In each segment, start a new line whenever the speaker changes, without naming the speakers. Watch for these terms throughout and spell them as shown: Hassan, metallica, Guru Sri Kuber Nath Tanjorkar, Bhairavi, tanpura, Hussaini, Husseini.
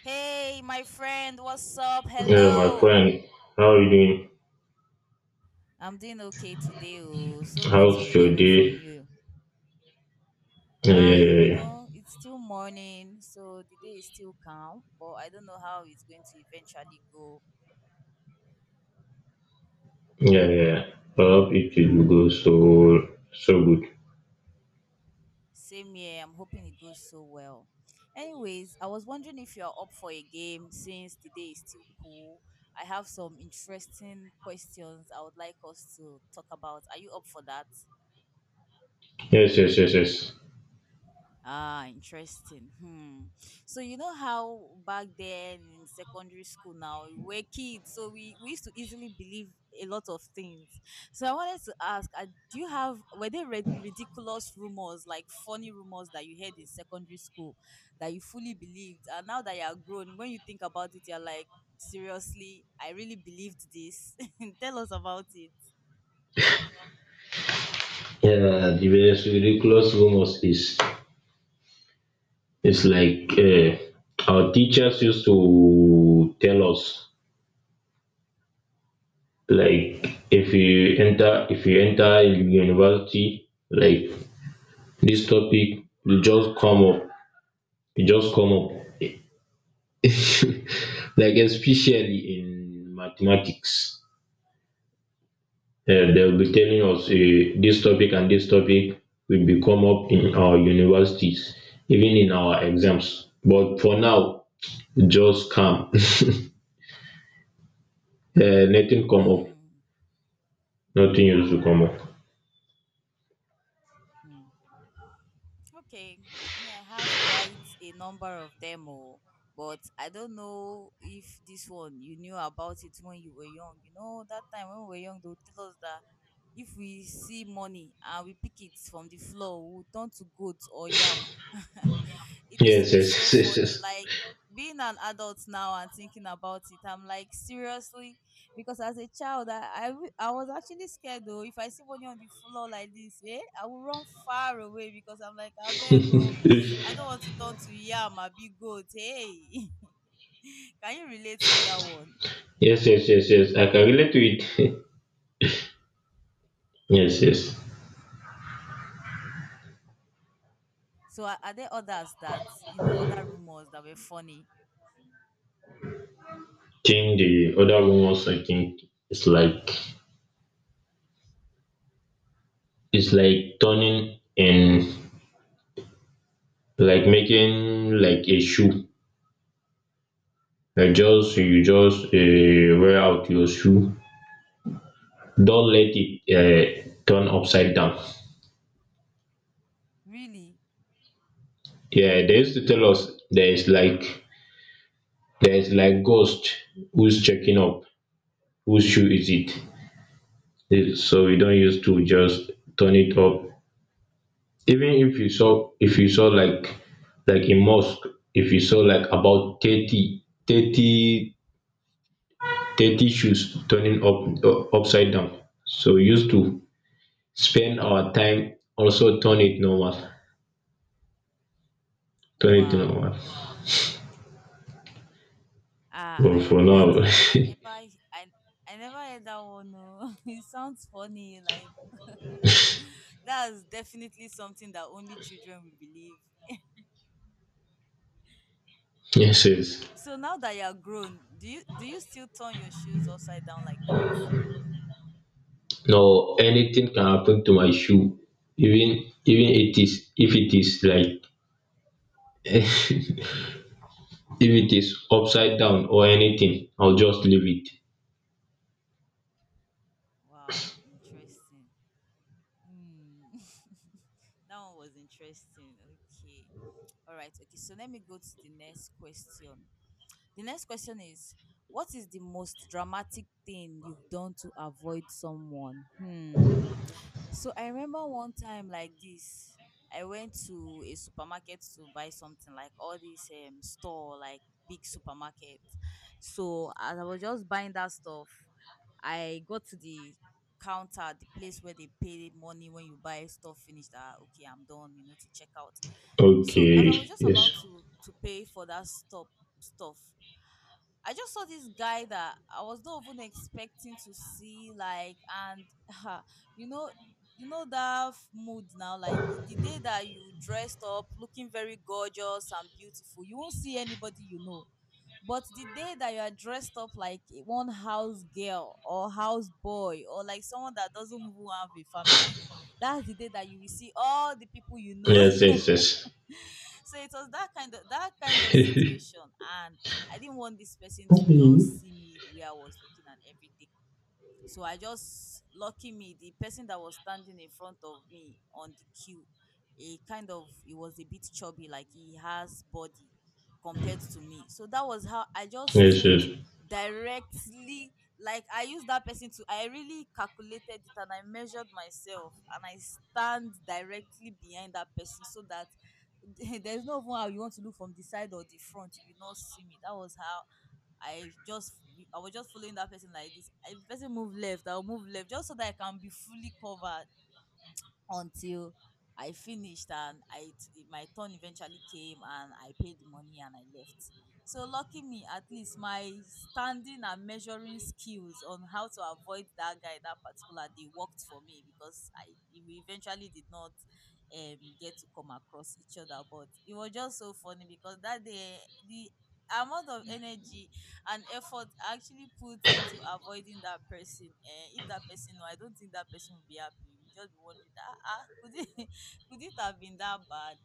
Hey, my friend, what's up?
Yeah, my
Hello.
friend, how are you doing?
I'm doing okay today. Oh, so good to be
How's your
hearing from
day?
you.
Yeah, yeah,
You
yeah,
know, it's still morning, so the day is still calm, but I don't know how it's going to eventually go.
yeah, yeah. I hope it will go so good.
Same here, I'm hoping it goes so well. Anyways, I was wondering if you're up for a game since the day is still cool. I have some interesting questions I would like us to talk about. Are you up for that?
Yes, yes, yes, yes.
Ah, interesting. Hmm. So you know how back then in secondary school now we're kids, so we used to easily believe a lot of things. So I wanted to ask, do you have were there red ridiculous rumors like funny rumors that you heard in secondary school that you fully believed, and now that you are grown, when you think about it, you're like, seriously, I really believed this. Tell us about it.
Yeah, the best ridiculous rumors is it's like our teachers used to tell us, like, if you enter university, like, this topic will just come up, it just come up. Like, especially in mathematics, they'll be telling us this topic and this topic will be come up in our universities, even in our exams. But for now, just calm. Nothing come up. Nothing used to come up.
Hmm. Okay, me, I have quite a number of them, oh, but I don't know if this one you knew about it when you were young. You know, that time when we were young, they would tell us that if we see money and we pick it from the floor, we'll turn to goat or yam. It used to
Yes,
be so
yes, yes,
funny.
yes,
Like being an adult now and thinking about it, I'm like seriously, because as a child, I was actually scared though. If I see money on the floor like this, eh, I will run far away because I'm like, I beg go, I
yes.
don't want to turn to yam, I be goat. Hey, can you relate to that one?
Yes, yes, yes, yes. I can relate to it. Yes, yes.
So are there others that you know, other rumors that were funny?
Think the other one was, I think it's like it's like turning in, like making like a shoe, like just you just wear out your shoe, don't let it turn upside down.
Really?
Yeah, they used to tell us there is like ghost who's checking up whose shoe is it. Eh, so you don't use to just turn it up. Even if you saw like in mosque, if you saw like about thirty shoes turning up, upside down, so used to spend our time also turn it normal, turn it
Wow.
normal
Ah,
But for
I
now,
didn't I never he- I never heard that one. No, it sounds funny. Like that's definitely something that only children will believe.
yes, yes.
So now that you're grown, do you still turn your shoes upside down like that?
No, anything can happen to my shoe. Even it is, if it is like, if it is upside down or anything, I'll just leave it.
Wow, interesting. Hmm. That one was interesting. Okay. All right. Okay. So let me go to the next question. The next question is, what is the most dramatic thing you've done to avoid someone? Hmm. So I remember one time like this, I went to a supermarket to buy something like all this store like big supermarket. So as I was just buying that stuff, I got to the counter, the place where they pay money when you buy stuff finish that okay, I'm done, you know, to check out. So as I was
Okay,
just about
yes,
to pay for that stop stuff, I just saw this guy that I was not even expecting to see, like, and you know, that f- mood now, like the day that you dressed up looking very gorgeous and beautiful, you won't see anybody, you know, but the day that you are dressed up like a one house girl or house boy or like someone that doesn't even have a family, that's the day that you will see all the people you know.
yes, yes,
So it was that kind of
yes.
situation, and I didn't want this person to just
Okay,
see me the way I was looking and everything. So I just lucky me, the person that was standing in front of me on the queue, he kind of he was a bit chubby, like he has body compared to me. So that was how I just
yes, yes.
stood directly, like I used that person to, I really calculated it and I measured myself and I stand directly behind that person so that there's no even how you want to look from the side or the front, you will not see me. That was how I just I was just following that person like this. If the person move left, I'll move left just so that I can be fully covered until I finished and my turn eventually came and I paid the money and I left. So lucky me, at least my standing and measuring skills on how to avoid that guy that particular day worked for me because I we eventually did not get to come across each other. But it was just so funny because that day the amount of energy an effort actually put into avoiding that person. Eh, if that person, no, I don't think that person will be happy. You just be wondering, ah, ah, could it could it have been that bad?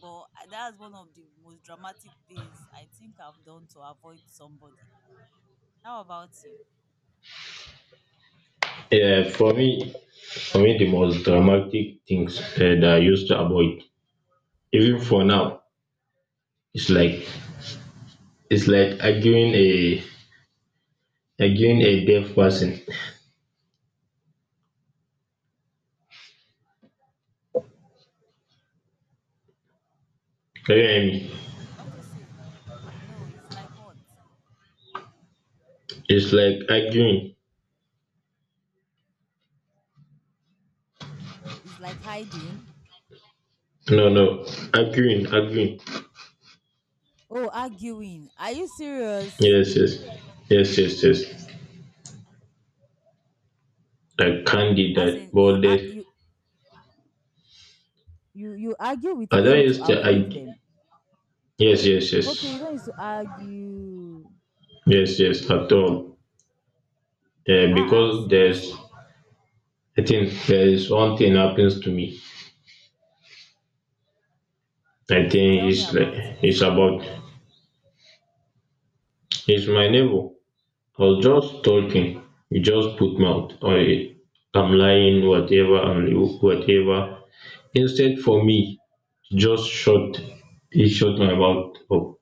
But ah, that's one of the most dramatic things I think I've done to avoid somebody. How about you?
Yeah, for me, the most dramatic things that I used to avoid, even for now, it's like. It's like arguing a deaf person. Can you hear me?
What do you say? No, it's like what?
It's like arguing.
It's like hiding.
No, no, arguing, arguing.
Oh, arguing. Are you serious?
Yes, yes, yes, yes, yes. I can't do
As
that.
in, you
But
ar-
that,
you argue with
I don't
them to
used to
avoid
argue.
them.
Yes, yes,
Okay, you
yes,
don't need to argue.
yes, yes. At all. Yeah,
Ah ah,
because there's,
seriously,
I think there is one thing happens to me. I think
tell me
it's like,
about it.
it's about, it's my neighbor. Was just talking. You just put mouth. I am lying, whatever, and whatever. Instead, for me, just shut, he shut my mouth up.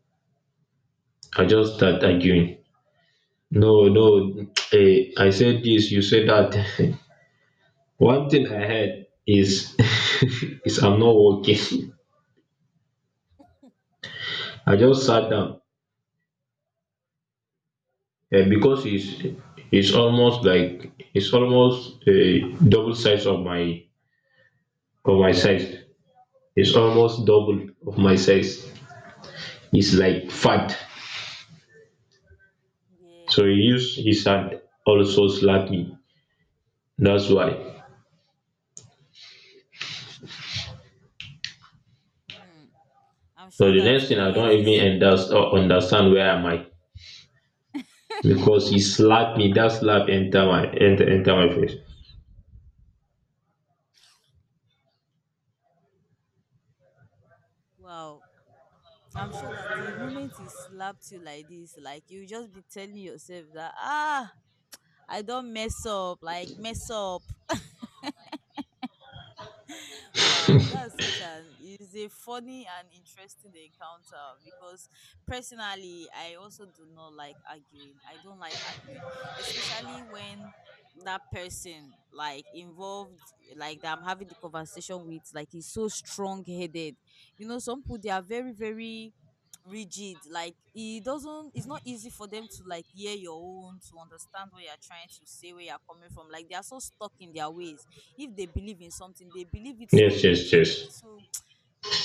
I just start arguing. No, no, eh, I said this, you said that. One thing I heard is, is I'm not working. I just sat down, because it's almost like it's almost, double size of my size. It's almost double of my size. He's like fat. So
Yeah.
he used his hand also slap me. That's why.
Hmm. I'm
So
sure
the
that
next
the
thing, I don't
moment is
even understand where am I, because he slapped me. That slap enter my enter enter my face.
wow. I'm sure that the moment he slapped you like this, like you just be telling yourself that ah, I don't mess up, like mess up, wow, that's such an is a funny and interesting encounter because personally, I also do not like arguing. I don't like arguing, especially when that person like involved like that I'm having the conversation with, like he's so strong headed. You know, some people they are very, very rigid. Like it doesn't it's not easy for them to like hear your own, to understand what you're trying to say, where you're coming from. Like they are so stuck in their ways, if they believe in something they believe it so
Yes, yes,
rigidly,
yes.
so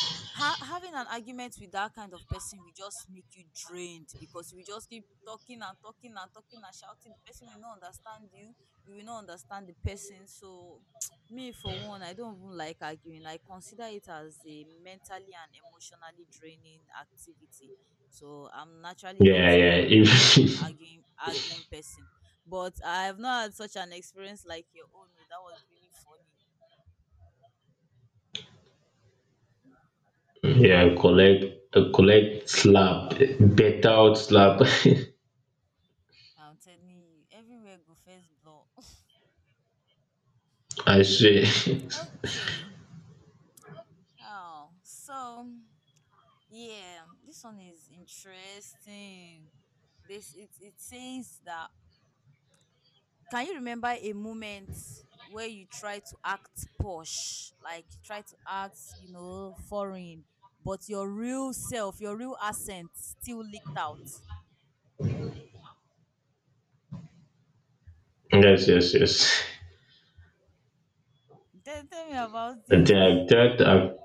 having an argument with that kind of person will just make you drained because you will just keep talking and talking and talking and shouting, the person will not understand you, you will not understand the person. So me for one, I don't even like arguing, I consider it as a mentally and emotionally draining activity. So I'm naturally not
Yeah,
a
yeah.
I am
If
arguing person, but I have not had such an experience like your own. Oh, that was really funny.
yeah, collect slap better out slap.
I'm telling you, everywhere go first blow.
I swear.
Okay. Oh, so yeah, this one is interesting. This it says that can you remember a moment where you try to act posh, like you try to act, you know, foreign, but your real self, your real accent still leaked out?
Yes, yes, yes.
Tell me about it.
And then I've tried. I've,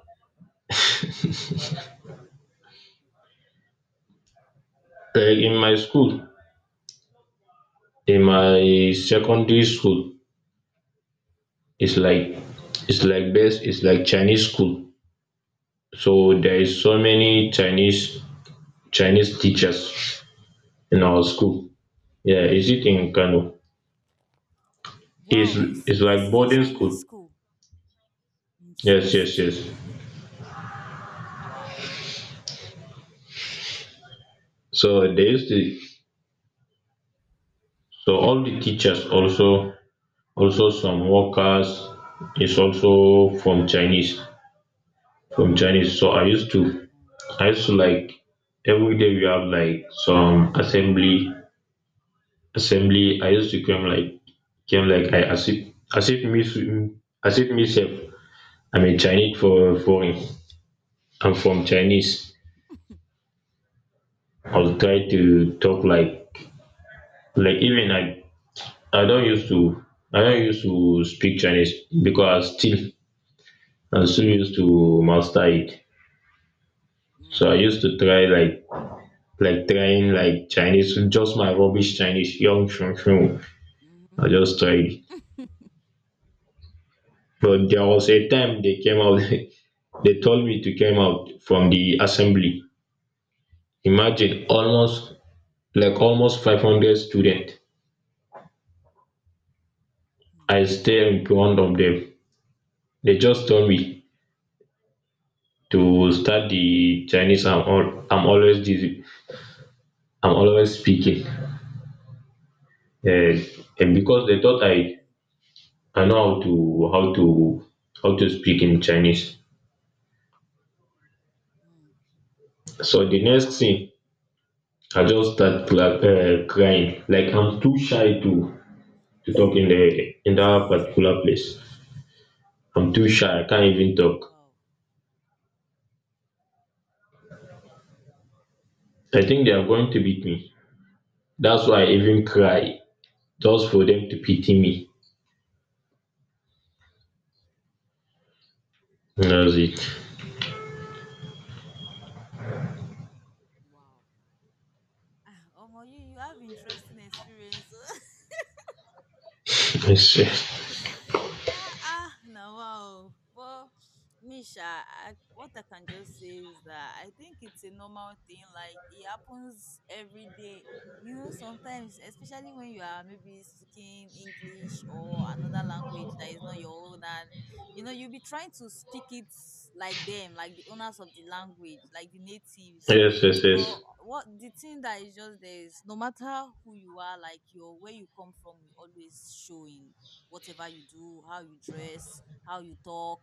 uh, In my school, in my secondary school, it's
Mm.
like it's like best, it's like Chinese school. So there is so many Chinese teachers in our school. Yeah, is it in Kano?
Wow,
it's
are you
it's
serious?
like
It's a
boarding
Chinese
school.
school.
Yes, yes, yes.
Interesting. Wow.
So there is the, so all the teachers also, some workers is also from Chinese, so i used to
Mm,
i used to like, every day we have like some assembly, I used to come like, came like, I as if, as if me as if me sef, I'm a Chinese for foreign, I'm from Chinese. I'll try to talk like, even I don't used to, speak chinese, because I still used to master it.
mm,
So I used to try like, trying like Chinese, just my rubbish Chinese, young shun shun.
mhm,
I just tried it. But there was a time they came out, they told me to come out from the assembly. Imagine
mm,
almost 500 students. I
mm,
stare in front of them. They just told me to start the Chinese. I'm always the, I'm always speaking, um and because they thought i
mm,
i know how to, how to speak in Chinese.
mm.
So the next thing, I just start cla crying, like I'm too shy to
Eh?
talk in the in that particular place. I'm too shy, I can't even talk.
Wow.
I think they are going to
Wow.
beat me. That's why I even cry, just for them to pity me. And that was it.
Hmm. Wow. Ah, Omo, you have interesting experience.
Yes, yes,
Ah, ah, no, wow. Well, Misha, I, what I can just say is that I think it's a normal thing. Like it happens every day. You know, sometimes, especially when you are maybe speaking English or another language that is not your own, and you know, you'll be trying to speak it like them, like the owners of the language, like the natives.
yes,
But
yes,
what the thing that is just there is no matter who you are, like your where you come from, you always showing whatever you do, how you dress, how you talk,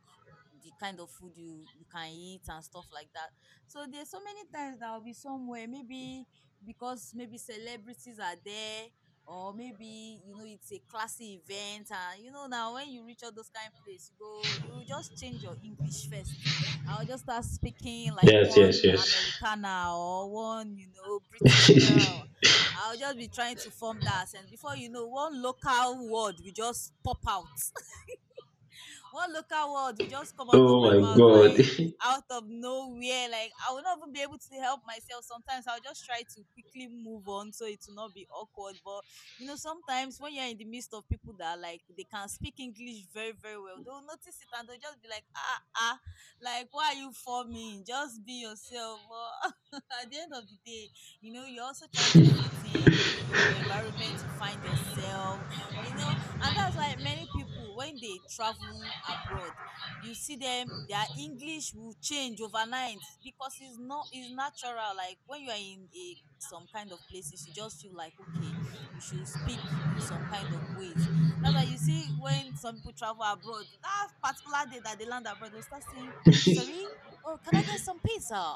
the kind of food you can eat and stuff like that. So there's so many times that I'll be somewhere, maybe because maybe celebrities are there, or maybe you know it's a classy event, and you know now when you reach all those kind of place, you just change your English first. I'll just start speaking like
yes, yes,
one
yes,
Americana or one you know British
yes.
girl, I'll just be trying to form that. And before you know, one local word will just come out
Oh
of my
my
mouth
god.
like out of nowhere. Like I will not even be able to help myself. Sometimes I'll just try to quickly move on so it will not be awkward. But you know, sometimes when you're in the midst of people that are like they can speak English very, very well, they'll notice it and they'll just be like, ah ah, like why are you forming? Just be yourself. But at the end of the day, you know, you're also trying to fit in the environment you find yourself. You know, and that's why many people when they travel abroad you see them their english will change overnight because it's not, it's natural. Like when you are in a some kind of places you just feel like okay you should speak in some kind of ways. That's why you see when some people travel abroad, that particular day that they land abroad, they'll start saying, sorry oh, can I get some pizza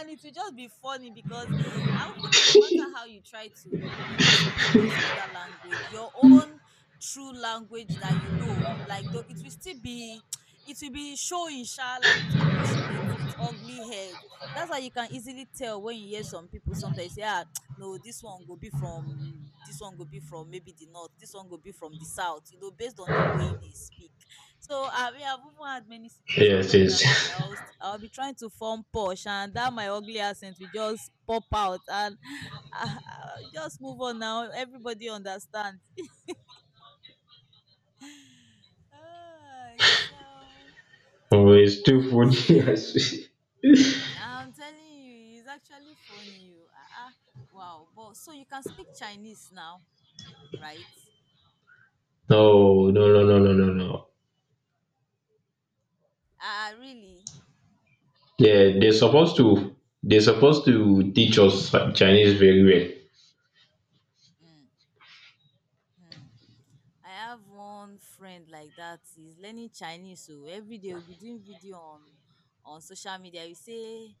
and it will just be funny because I even, no matter how you try to, speak those other language, your own through language that you know, like though it will still be it will be showing sha, like it will be pushing it its ugly head. That's why you can easily tell when you hear some people sometimes say, ah no, this one go be from this one go be from maybe the north, this one go be from the south, you know, based on the way they speak. So I mean, I've even had many situations
Yes,
like that too that
yes.
I'll be trying to form posh, and that my ugly accent will just pop out and uh, just move on now, everybody understand. Ah, so
Oh, it's too funny.
okay.
I
I'm telling you, it's actually funny. Oh. Ah, ah, wow. But so you can speak Chinese now, right?
No, no, no, no, no, no, no.
Ah, ah, really?
Yeah, they're supposed to. They're supposed to teach us Chinese very
Mm-hmm. I have one friend like that. He's learning Chinese, so every day we'll be doing video on social media. We say,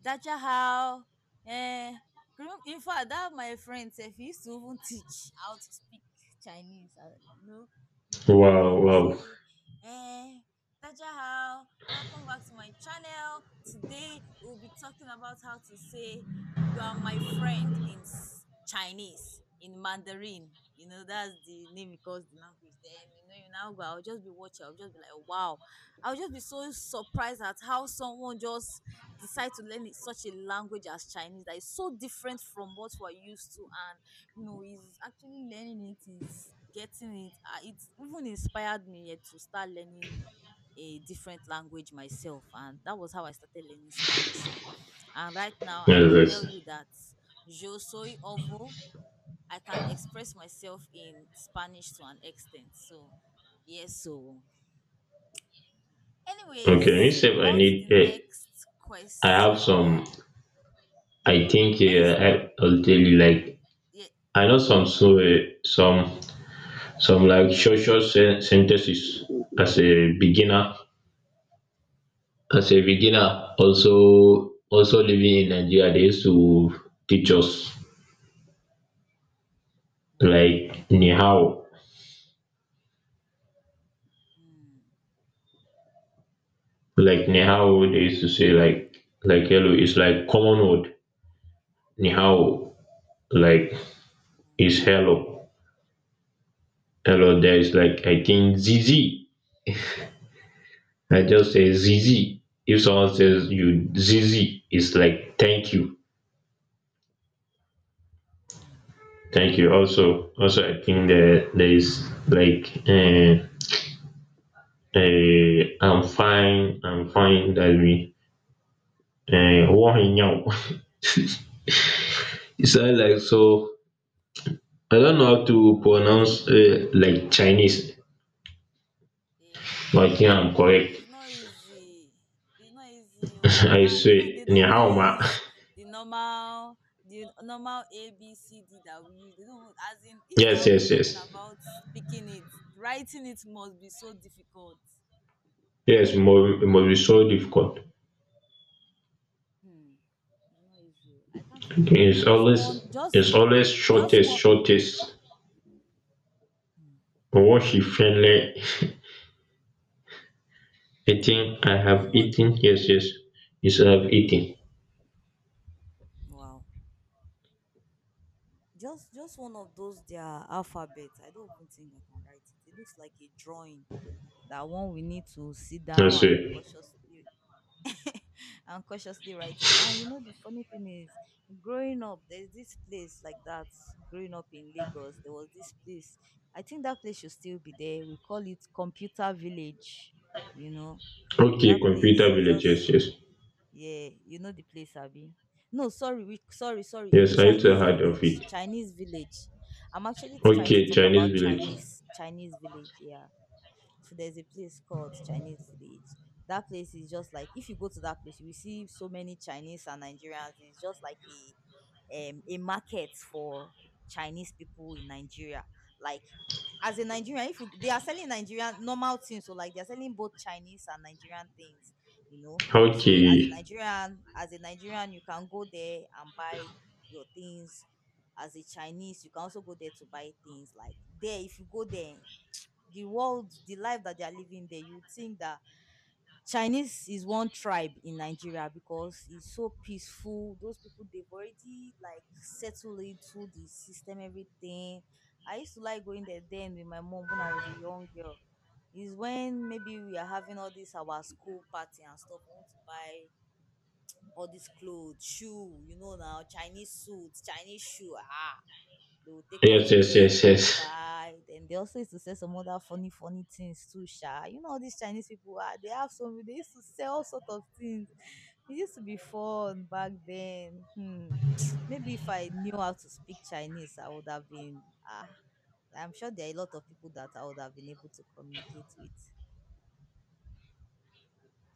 "Dacha how?" Eh, in fact, that my friend said he used to even teach how to speak Chinese. You know, you do video,
well.
you
Wow, wow.
say, "Eh, Dacha how?" Welcome back to my channel. Today we'll be talking about how to say you are my friend in Chinese, in Mandarin. You know, that's the name because the language. Then, you now go, I'll just be watching, I'll just be like, wow. I'll just be so surprised at how someone just decide to learn such a language as Chinese that is so different from what we're used to. And, is actually learning it, is getting it. It even inspired me yet to start learning a different language myself, and that was how I started learning Spanish oh. And right now I can
Yes,
tell
yes.
you that yo soy ovo, I can express myself in Spanish to an extent. So yes, so
Okay,
anyways,
except I
on to the
need.
next
I have some.
question.
I think
What is?
I'll tell you like,
Yeah.
I know some, so some, like short sentences. As a beginner, also living in Nigeria, they used to teach us
Wow.
like
Okay.
nihao.
Hmm.
They used to say
Hmm, okay.
like hello. It's like common word, nihao, like is hello, hello. There is like, I think, zizi. I just say
Hmm. Hmm.
zizi. If someone says you
Hmm.
zizi, it's like thank you.
Hmm.
Thank you. Also,
Wow.
I think that there is like, I'm fine. I'm fine. That we,
Mhm.
now. It sounds like
Wow.
so. I don't know how to pronounce like Chinese, but I
Eh,
think I'm correct.
it's not easy. It's not easy. Oh,
I
ah, you know
say
they
ni
don't even
hao ma.
use the normal, the normal, A B C D that we use. They don't even— as in if
Yes,
you're even
yes, yes,
talking about speaking it, writing it must be so difficult.
yes. More, it must be so difficult.
Hmm, it's not easy. Oh. I can't even
It's
just one,
always,
just
it's always
just
shortest,
one.
shortest.
Hmm.
What she friendly eating. I have
Omo,
eaten. Yes, yes. Yes, I have eaten.
wow. Just one of those their alphabets. I don't even think I can write it. It looks like a drawing. That one we need to sit down and
Answer:
cautiously and cautiously write it. And you know the funny thing is, growing up there's this place like that. Growing up in Lagos there was this place, I think that place should still be there. We call it Computer Village. You know
Ok
that
computer
place is
village,
just,
yes, yes.
yeah, you know the place, Abby. No, sorry, we sorry, sorry,
Yes, I also
Chinese
heard of
Village,
it.
Chinese Village. I'm actually
Ok
trying to talk
Chinese
about
village.
Chinese, Chinese Village, yeah. So there's a place called Chinese Village. That place is just like, if you go to that place, you will see so many Chinese and Nigerians. It's just like a market for Chinese people in Nigeria. Like as a Nigerian, if you they are selling Nigerian normal things, so like they're selling both Chinese and Nigerian things, you know.
Ok
So as a Nigerian, you can go there and buy your things. As a Chinese, you can also go there to buy things. Like there, if you go there, the life that they are living there, you would think that Chinese is one tribe in Nigeria because it's so peaceful. Those people they've already like settled into the system, everything. I used to like going there then with my mom when I was a young girl. Is when maybe we are having all this our school party and stuff. We want to buy all this clothes, shoe, now, Chinese suits, Chinese shoe. Ah they will take
yes,
us
yes, yes,
there, we'll
yes.
buy. Then they also used to sell some other funny, funny things too, sha. You know, all these Chinese people are they have some. They used to sell all sort of things. It used to be fun back then. Hmm. Maybe if I knew how to speak Chinese, I would have been ah. I'm sure there are a lot of people that I would have been able to communicate with.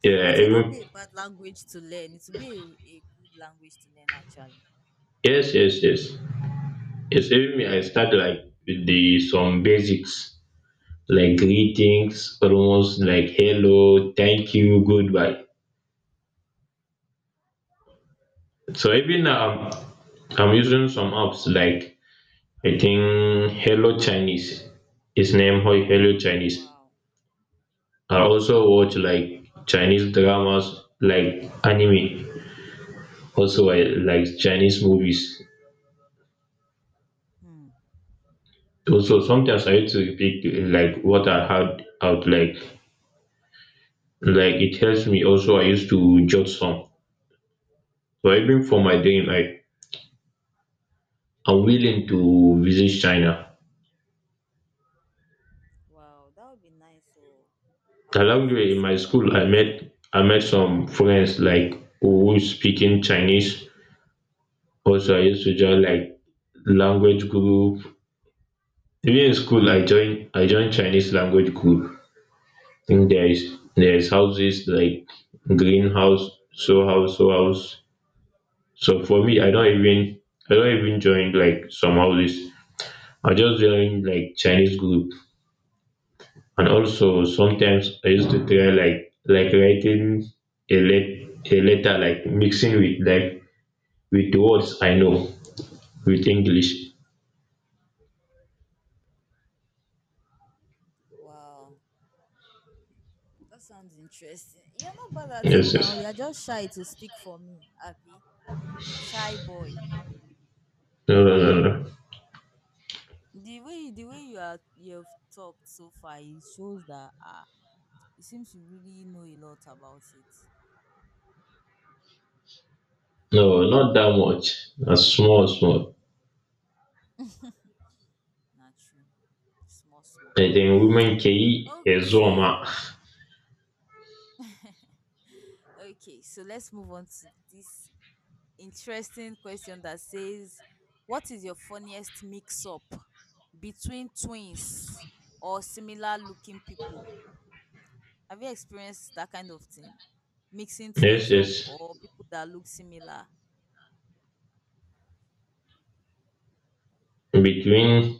Yeah,
It will not
even
be a bad language to learn. It will be a good language to learn actually.
yes, yes, yes. Yes, even me, I start like with the some basics, like greetings, almost like hello, thank you, goodbye. So even now, I'm I'm using some apps like, I think, hello Chinese. Its name, Hoi, hello Chinese.
Wow.
I also watch like Chinese dramas, like anime. Also, I like Chinese movies.
Hmm.
Also, sometimes I used to repeat like what I had out, like, it helps me. Also, I used to jot some. So even for my dream, I'm willing to visit China.
Wow, that would be nice. So, I would love
Along the
to
way, in
visit
my school,
China as well.
I met some friends like who speaking Chinese. Also, I used to join like language group. Even in school, I joined Chinese language group. Think there's houses like greenhouse, show house, show house. So for me, I don't even join like some houses. I just join like Chinese group, and also sometimes I used to try like, writing a letter, like mixing with like, with the words I know, with English.
Wow, that sounds interesting. You're not bad at it
Yes,
now.
yes.
You're just shy to speak for me, Abby. Shy boy.
No, no, no, no.
The way you've talked so far, it shows that it seems you really know a lot about it.
No, not that much. A small, small.
Not true. Small, small.
I think women can eat a
Okay,
zoma.
okay. So let's move on to this interesting question that says, what is your funniest mix up between twins or similar looking people? Have you experienced that kind of thing? Mixing
Yes,
twins up
yes.
or people that look similar?
Between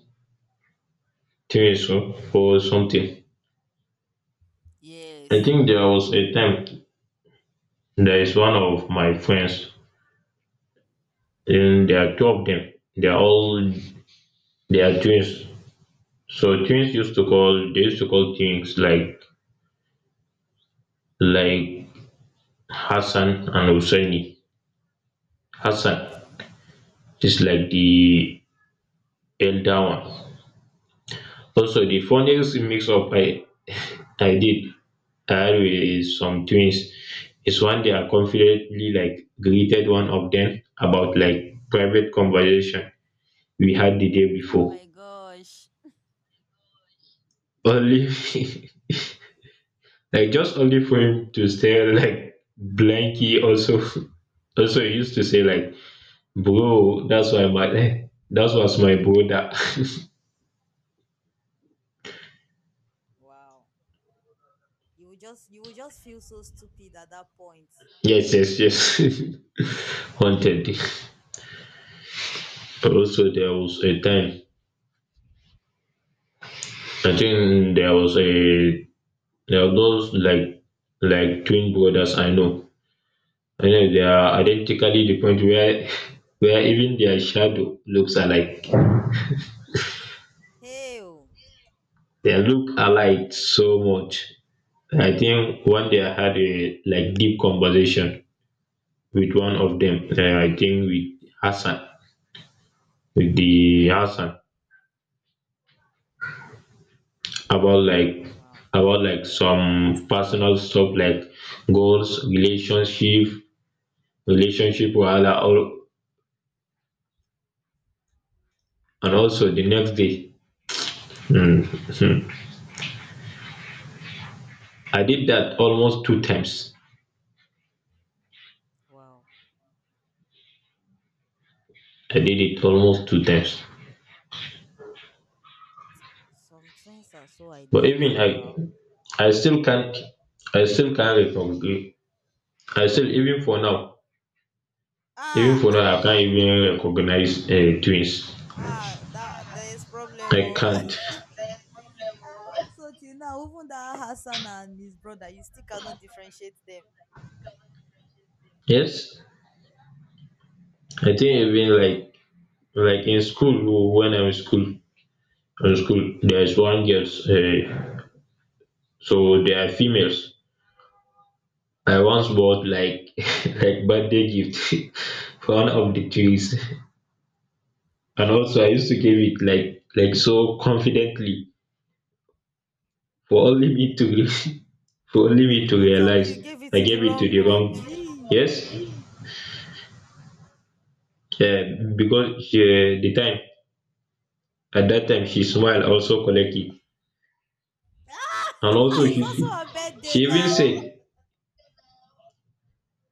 things or something. I
Yes.
think there was a time there is one of my friends, and there are two of them. They are all, they are twins. So twins used to call, they used to call things like, like Hassan and Husseini. Hassan
Okay.
is like the elder one. Also, the funniest mix up I did Harry is some twins is when they are confidently like greeted one of them about like private conversation we had the day
Oh
before.
my gosh.
Only like, just only for him to stare like blanky, also also he used to say like, bro, that's why my, eh, that was my brother.
Wow. You will just feel so stupid at that point.
Yes, yes, yes. Haunted. Also, there was a time, I think there was a there are those like, twin brothers I know. I know they are identically the point where where even their shadow looks alike.
Hey. Oh.
They look alike so much. I think one day I had a like deep conversation with one of them. I think with Hassan, with the Hassan about like,
Wow.
some personal stuff like goals, relationship, relationship wahala, all, and also the next day. Hmm. I did that almost two times.
Wow.
I did it almost two times.
Some twins are so
But even
identical.
I still can't, recognize. I still, even for now,
Ah ah
I can't even recognize twins.
ah, that there is problem
I
oh.
can't.
So till now, even that Hassan and his brother, you still cannot differentiate them.
Yes, I think even
Wow.
like, in school oh, when I'm in school there's one girls. So they are females. I once bought like, like birthday gift for one of the twins. And also I used to give it like, so confidently, for only me to
Don't
for only me to
don't tell me you
realize,
gave it
I
to the
gave it to
wrong
the
one.
wrong.
Gee.
Yes, uh, because she, the time, at that time she smiled also collected, and
Ah,
also
it's
she
also her birthday
she even
now.
said,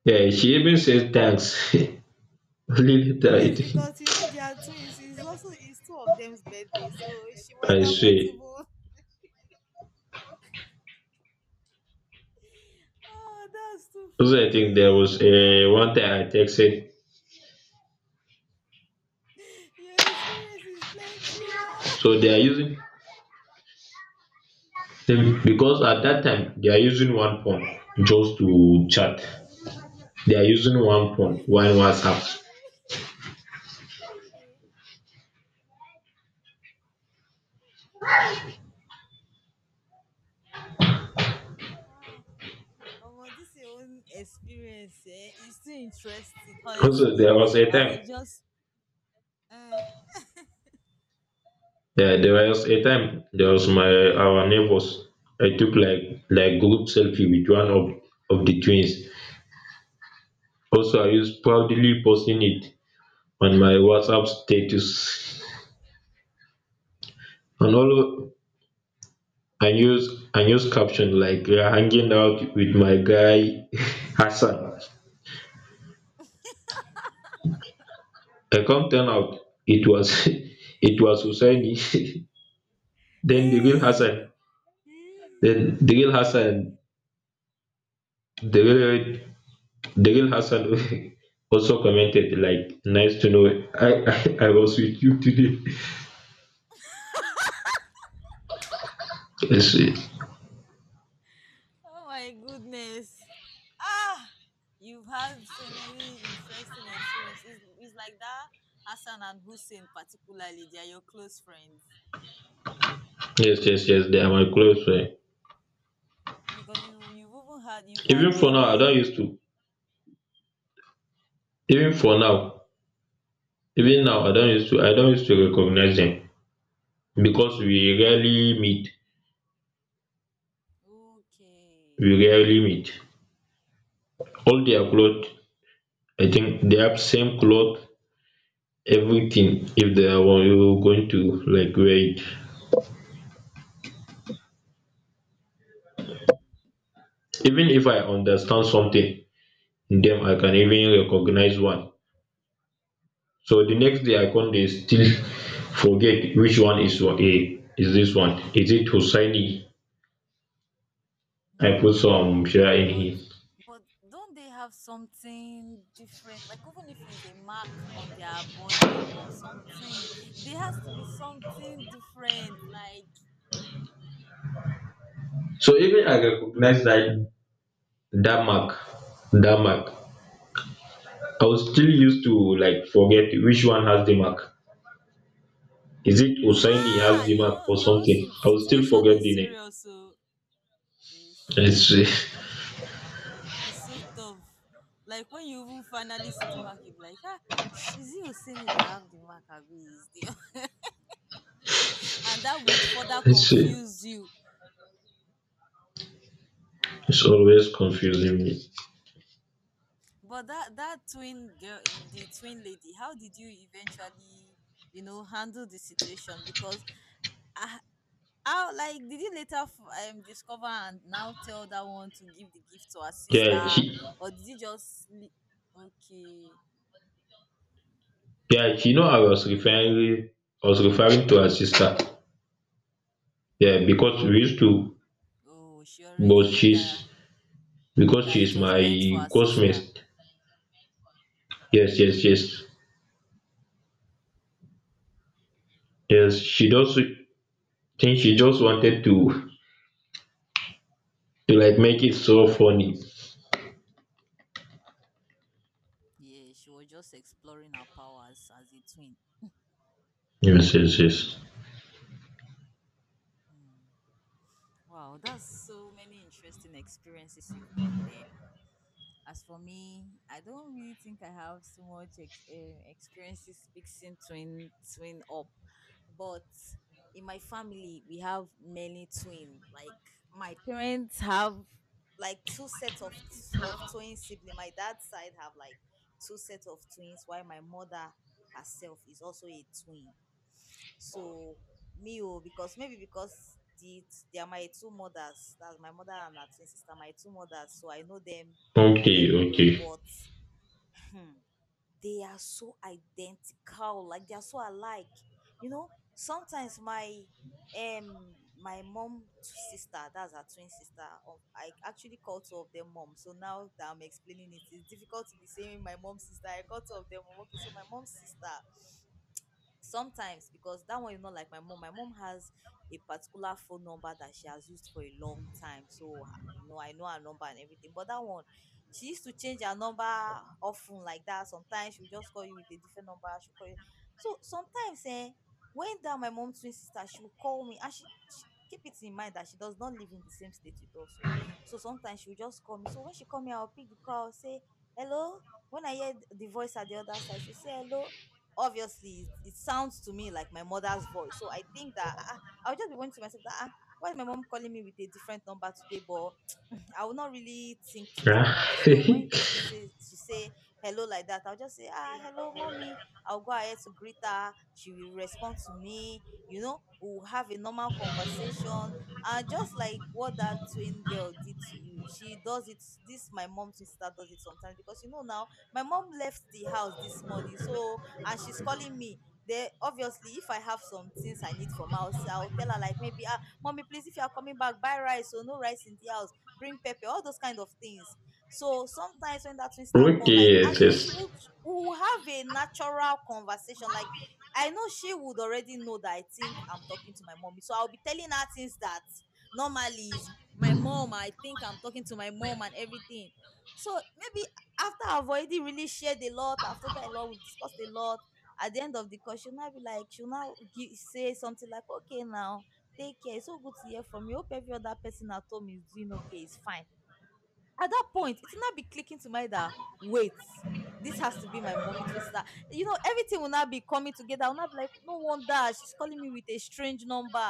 yeah, she even said thanks. Only later, I
Yes,
think,
because you know they are twins. It's also, it's two of them's birthday, so she might
I
have not
say.
even. Oh, that's too
Also, I think there
funny.
was
Ah,
a one time I texted,
your experience is plenty oh.
so they are using them, because at that time they are using one phone, just to chat, they are using one phone, one WhatsApp.
Okay. Wow. Ah, oh, this your own experience eh, is too interesting,
Also,
honestly.
there was a
I
time,
was just uh,
yeah, there was a time, there was my our neighbors. I took like, group selfie with one of the twins. Also, I used proudly posting it on my WhatsApp status, and all I use caption like, we are hanging out with my guy, Hassan. I come turn out, it was it was Hussaini, then the real
hey,
Hassan, then the real Hassan Daryl, Hassan also commented like, "Nice to know I, I was with you today." Yes, yes,
oh my goodness, ah, you've had so many interesting experiences. It's like that Hassan and Hussein particularly, they are your close friends
yes, yes. They are my close friend.
because you've had
Even for now, I don't
many.
used to. Even for now, even now, I don't used to. I don't used to recognize them because we rarely meet.
Okay,
We rarely meet. All their clothes, I think they have same clothes, everything. If they are going to like wear it, even if I
wow.
understand something in them, I can even recognize one. So the next day I come dey still forget which one is wa- a is this one. Is it Hussaini? I put some Shia in
But
here.
but don't they have something different? Like even if it's a mark on their body or something, there has to be something different. Like
So even I recognize that mark, that mark. I was still used to like forget which one has the mark. Is it Hussaini has the mark or something? I will still
situation
forget
is
the name.
serious. So it's
It's
true. Hey, it's so tough. Like when you even finally see the mark, you be like, ah, is it Oseni that have the mark? Abi is the and that would further
it's
confuse you. Wow.
it's always confusing me.
But that twin girl, the twin lady, how did you eventually, handle the situation? Because I, how like did you later discover and now tell that one to give the gift to her
Yeah,
sister,
she,
or did you just okay?
yeah, she know I was referring, I was referring to her sister. Yeah, because we used to,
Oh, she
but
already knew
she's
that
because
that it
she's
was
my
meant for her sister.
cosmate. Yes, yes, yes, yes. She just think, she just wanted to like make it so funny.
Yeah, she was just exploring her powers as a twin.
Yes, yes, yes.
Hmm. Wow, that's so many interesting experiences you've got there. As for me, I don't really think I have so much experiences mixing twin up, but in my family we have many twin. Like my parents have like two sets of twin siblings. My dad's side have like two sets of twins, while my mother herself is also a twin. So me oh, because they are my two mothers. That's my mother and her twin sister. My two mothers, so I know them
Okay,
very well,
okay.
but hmm, they are so identical, like they are so alike. You know, sometimes my mom sister, that's her twin sister. I actually call two of them mom. So now that I'm explaining it, it's difficult to be saying my mom's sister. I call two of them mom. Okay, so my mom's sister, sometimes, because that one you know, like my mom has a particular phone number that she has used for a long time, so you know I know her number and everything, but that one, she used to change her number often like that, sometimes she will just call you with a different number, she'll call you. So sometimes when that my mom twin sister, she will call me, and she keep it in mind that she does not live in the same state with us. So so sometimes she will just call me, so when she call me I'll pick the call, say hello. When I hear the voice at the other side, she'll say hello. Obviously it sounds to me like my mother's voice. So I think that I'll just be going to myself that, why is my mom calling me with a different number today? But I will not really think too deep
Ah,
about it. So when she says she say hello like that, I'll just say ah hello mommy. I'll go ahead to greet her. She will respond to me. You know, we'll have a normal conversation. And just like what that twin girl did to you, she does it. This my mom's sister does it sometimes because you know now my mom left the house this morning, so and she's calling me. Then obviously if I have some things I need from house, I'll tell her like maybe mommy please, if you are coming back buy rice, so no rice in the house, bring pepper, all those kind of things. So sometimes when that twin star call,
okay,
like as
yes,
in she
yes.
would, we will have a natural conversation. Like I know she would already know that I think I'm talking to my mommy, so I'll be telling her things that normally is my mom, I think I'm talking to my mom and everything. So maybe after I've already really shared a lot, I've told her a lot, we've discussed a lot. At the end of the call, she'll now be like, she'll now give, say something like, okay, now, take care. It's so good to hear from you. Hope every other person at home is doing okay. It's fine. At that point, it will not be clicking to my that wait, this has to be my mommy twin sister. You know, everything will not be coming together. I'll not be like, no wonder she's calling me with a strange number.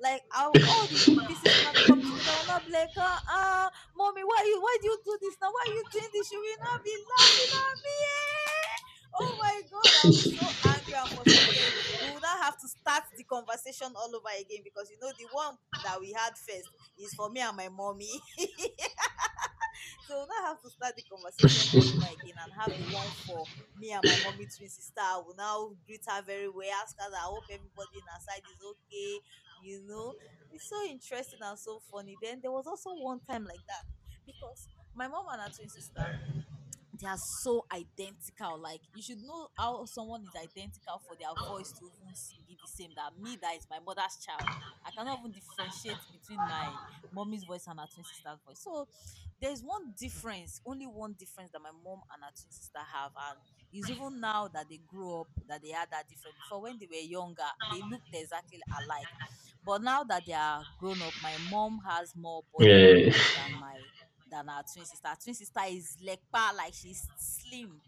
Like I'll, all the pieces will not be coming together. I'll not be like, mommy, why you why do you do this now? Why are you doing this? She will not be laughing. Oh my god, I'll be so angry and frustrated. We will not have to start the conversation all over again because you know the one that we had first is for me and my mommy. So we'll now have to start the conversation all over again and have the one for me and my mommy twin sister. I will now greet her very well, ask her that I hope everybody in her side is okay, you know. It's so interesting and so funny. Then there was also one time like that because my mom and her twin sister, they are so identical. Like you should know how someone is identical for their voice to even be the same. That me, that is my mother's child. I cannot even differentiate between my mommy's voice and her twin sister's voice. So there's one difference, only one difference that my mom and her twin sister have, and it's even now that they grew up that they had that difference. Before when they were younger, they looked exactly alike, but now that they are grown up, my mom has more body
Eh,
than my than her twin sister. Her twin sister is lekpa, like she's slim.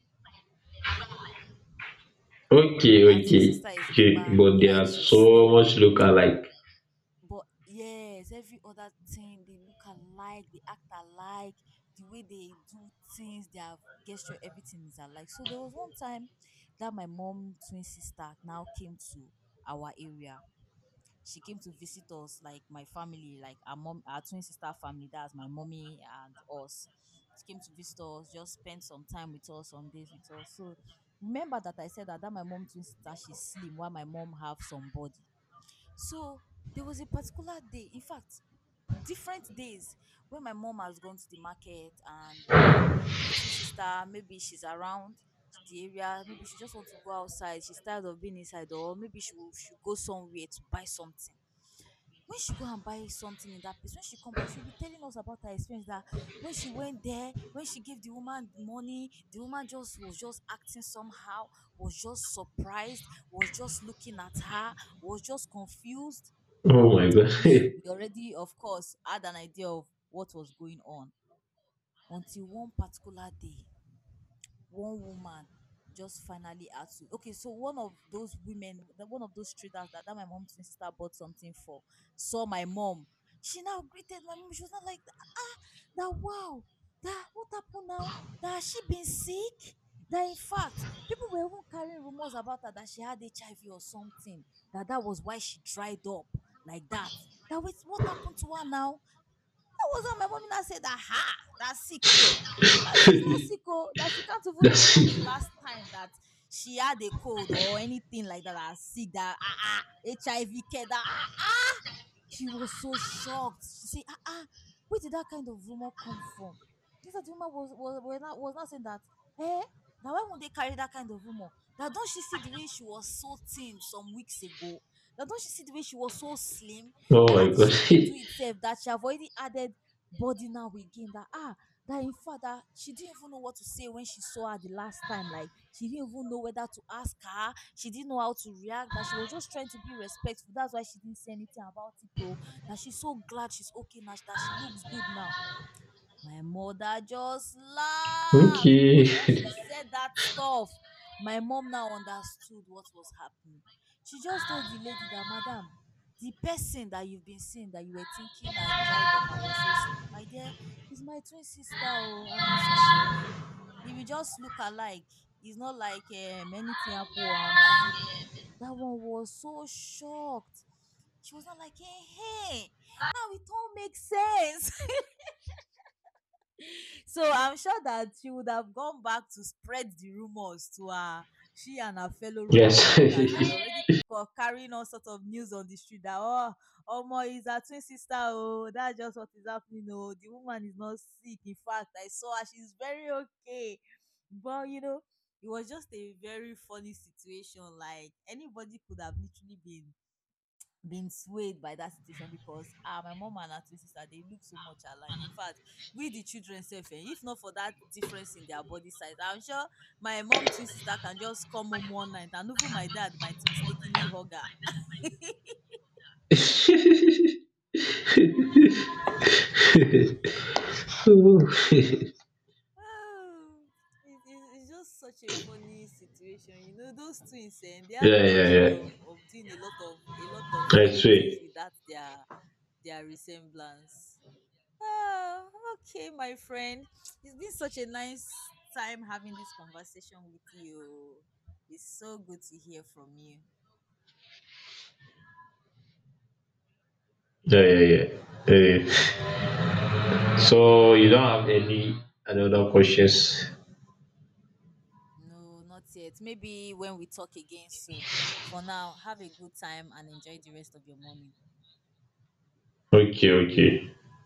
okay,
Her twin
okay,
sister is
okay.
lekpa,
But they
like
are
she's
so
slim.
much look alike.
But yes, every other thing they look alike, they act alike, the way they do things, their gesture, everything is alike. So there was one time that my mom twin sister now came to our area. She came to visit us, like my family, like our mom, our twin sister family. That's my mommy and us. She came to visit us, just spend some time with us, some days with us. So remember that I said that, that my mom twin sister she's slim, while my mom have some body. So there was a particular day, in fact, different days when my mom has gone to the market, and you know the twin sister maybe she's around the area, maybe she just want to go outside, she's tired of being inside, or maybe she will she go somewhere to buy something. When she go and buy something in that place, when she come back, she'll be telling us about her experience that when she went there, when she gave the woman money, the woman just was just acting somehow, was just surprised, was just looking at her, was just confused.
Oh my god.
we we already of course had an idea of what was going on until one particular day one woman just finally had to, okay, so one of those women, one of those traders that, that my mom's twin sister bought something for saw my mom. She now greeted my mom. She was not like, ah, that wow, that what happened now, that has she been sick, that in fact people were even carrying rumors about her that she had HIV or something, that that was why she dried up like that, that was what happened to her now. That was not my mommy. That said that, ha, that sick care. That she's not sick, oh, that she can't even
That's
remember the last time that she had a cold or anything like that. That sick, that HIV care, that she was so shocked. She said, ah, ah, where did that kind of rumor come from? Just that the woman was, not, was not saying that, eh, that why would they carry that kind of rumor? That don't she see the way she was so thin some weeks ago? That don't she see the way she was so slim?
oh
That how
my
did she
god.
even do it safe? That she have already added body now again? That ah, that in fact that she didn't even know what to say when she saw her the last time, like she didn't even know whether to ask her, she didn't know how to react, that she was just trying to be respectful, that's why she didn't say anything about it though, that she's so glad she's okay now, that she looks good now. My mother just laughs,
Okay.
because once she said that stuff, my mom now understood what was happening. She just told the lady that, Madam, the person that you've been seeing that you were thinking I dried up, I was so slim, my dear, is my twin sister, oh, and na so she be. If you just look alike, it's not like anything happened or I'm sick. That one was so shocked. She was not like, hey, hey, now it all makes sense. So I'm sure that she would have gone back to spread the rumors to her, she and her fellow rumor
Yes.
mongers that were already carrying all sorts of news on the street that, oh, Omo is her twin sister. Oh, that's just what is happening. Oh, the woman is not sick. In fact, I saw her; she's very okay. But you know, it was just a very funny situation. Like anybody could have literally been swayed by that situation, because ah my mom and her twin sister, they look so much alike. In fact, we the children sef, eh, if not for that difference in their body size, I'm sure my mom twin sister can just come home one night and even my dad might mistakenly hug her.
So yeah,
Oh, it's just such a funny situation. You know those twins, and they have
yeah,
luxury
yeah.
of, doing a lot of
That's
funny things
sweet.
with that their resemblance. Ah, okay, my friend. It's been such a nice time having this conversation with you. It's so good to hear from you.
Yeah, yeah, yeah. eh so you don't have any another questions?
No, not yet. Maybe when we talk again soon. For now, have a good time and enjoy the rest of your morning.
Okay, okay.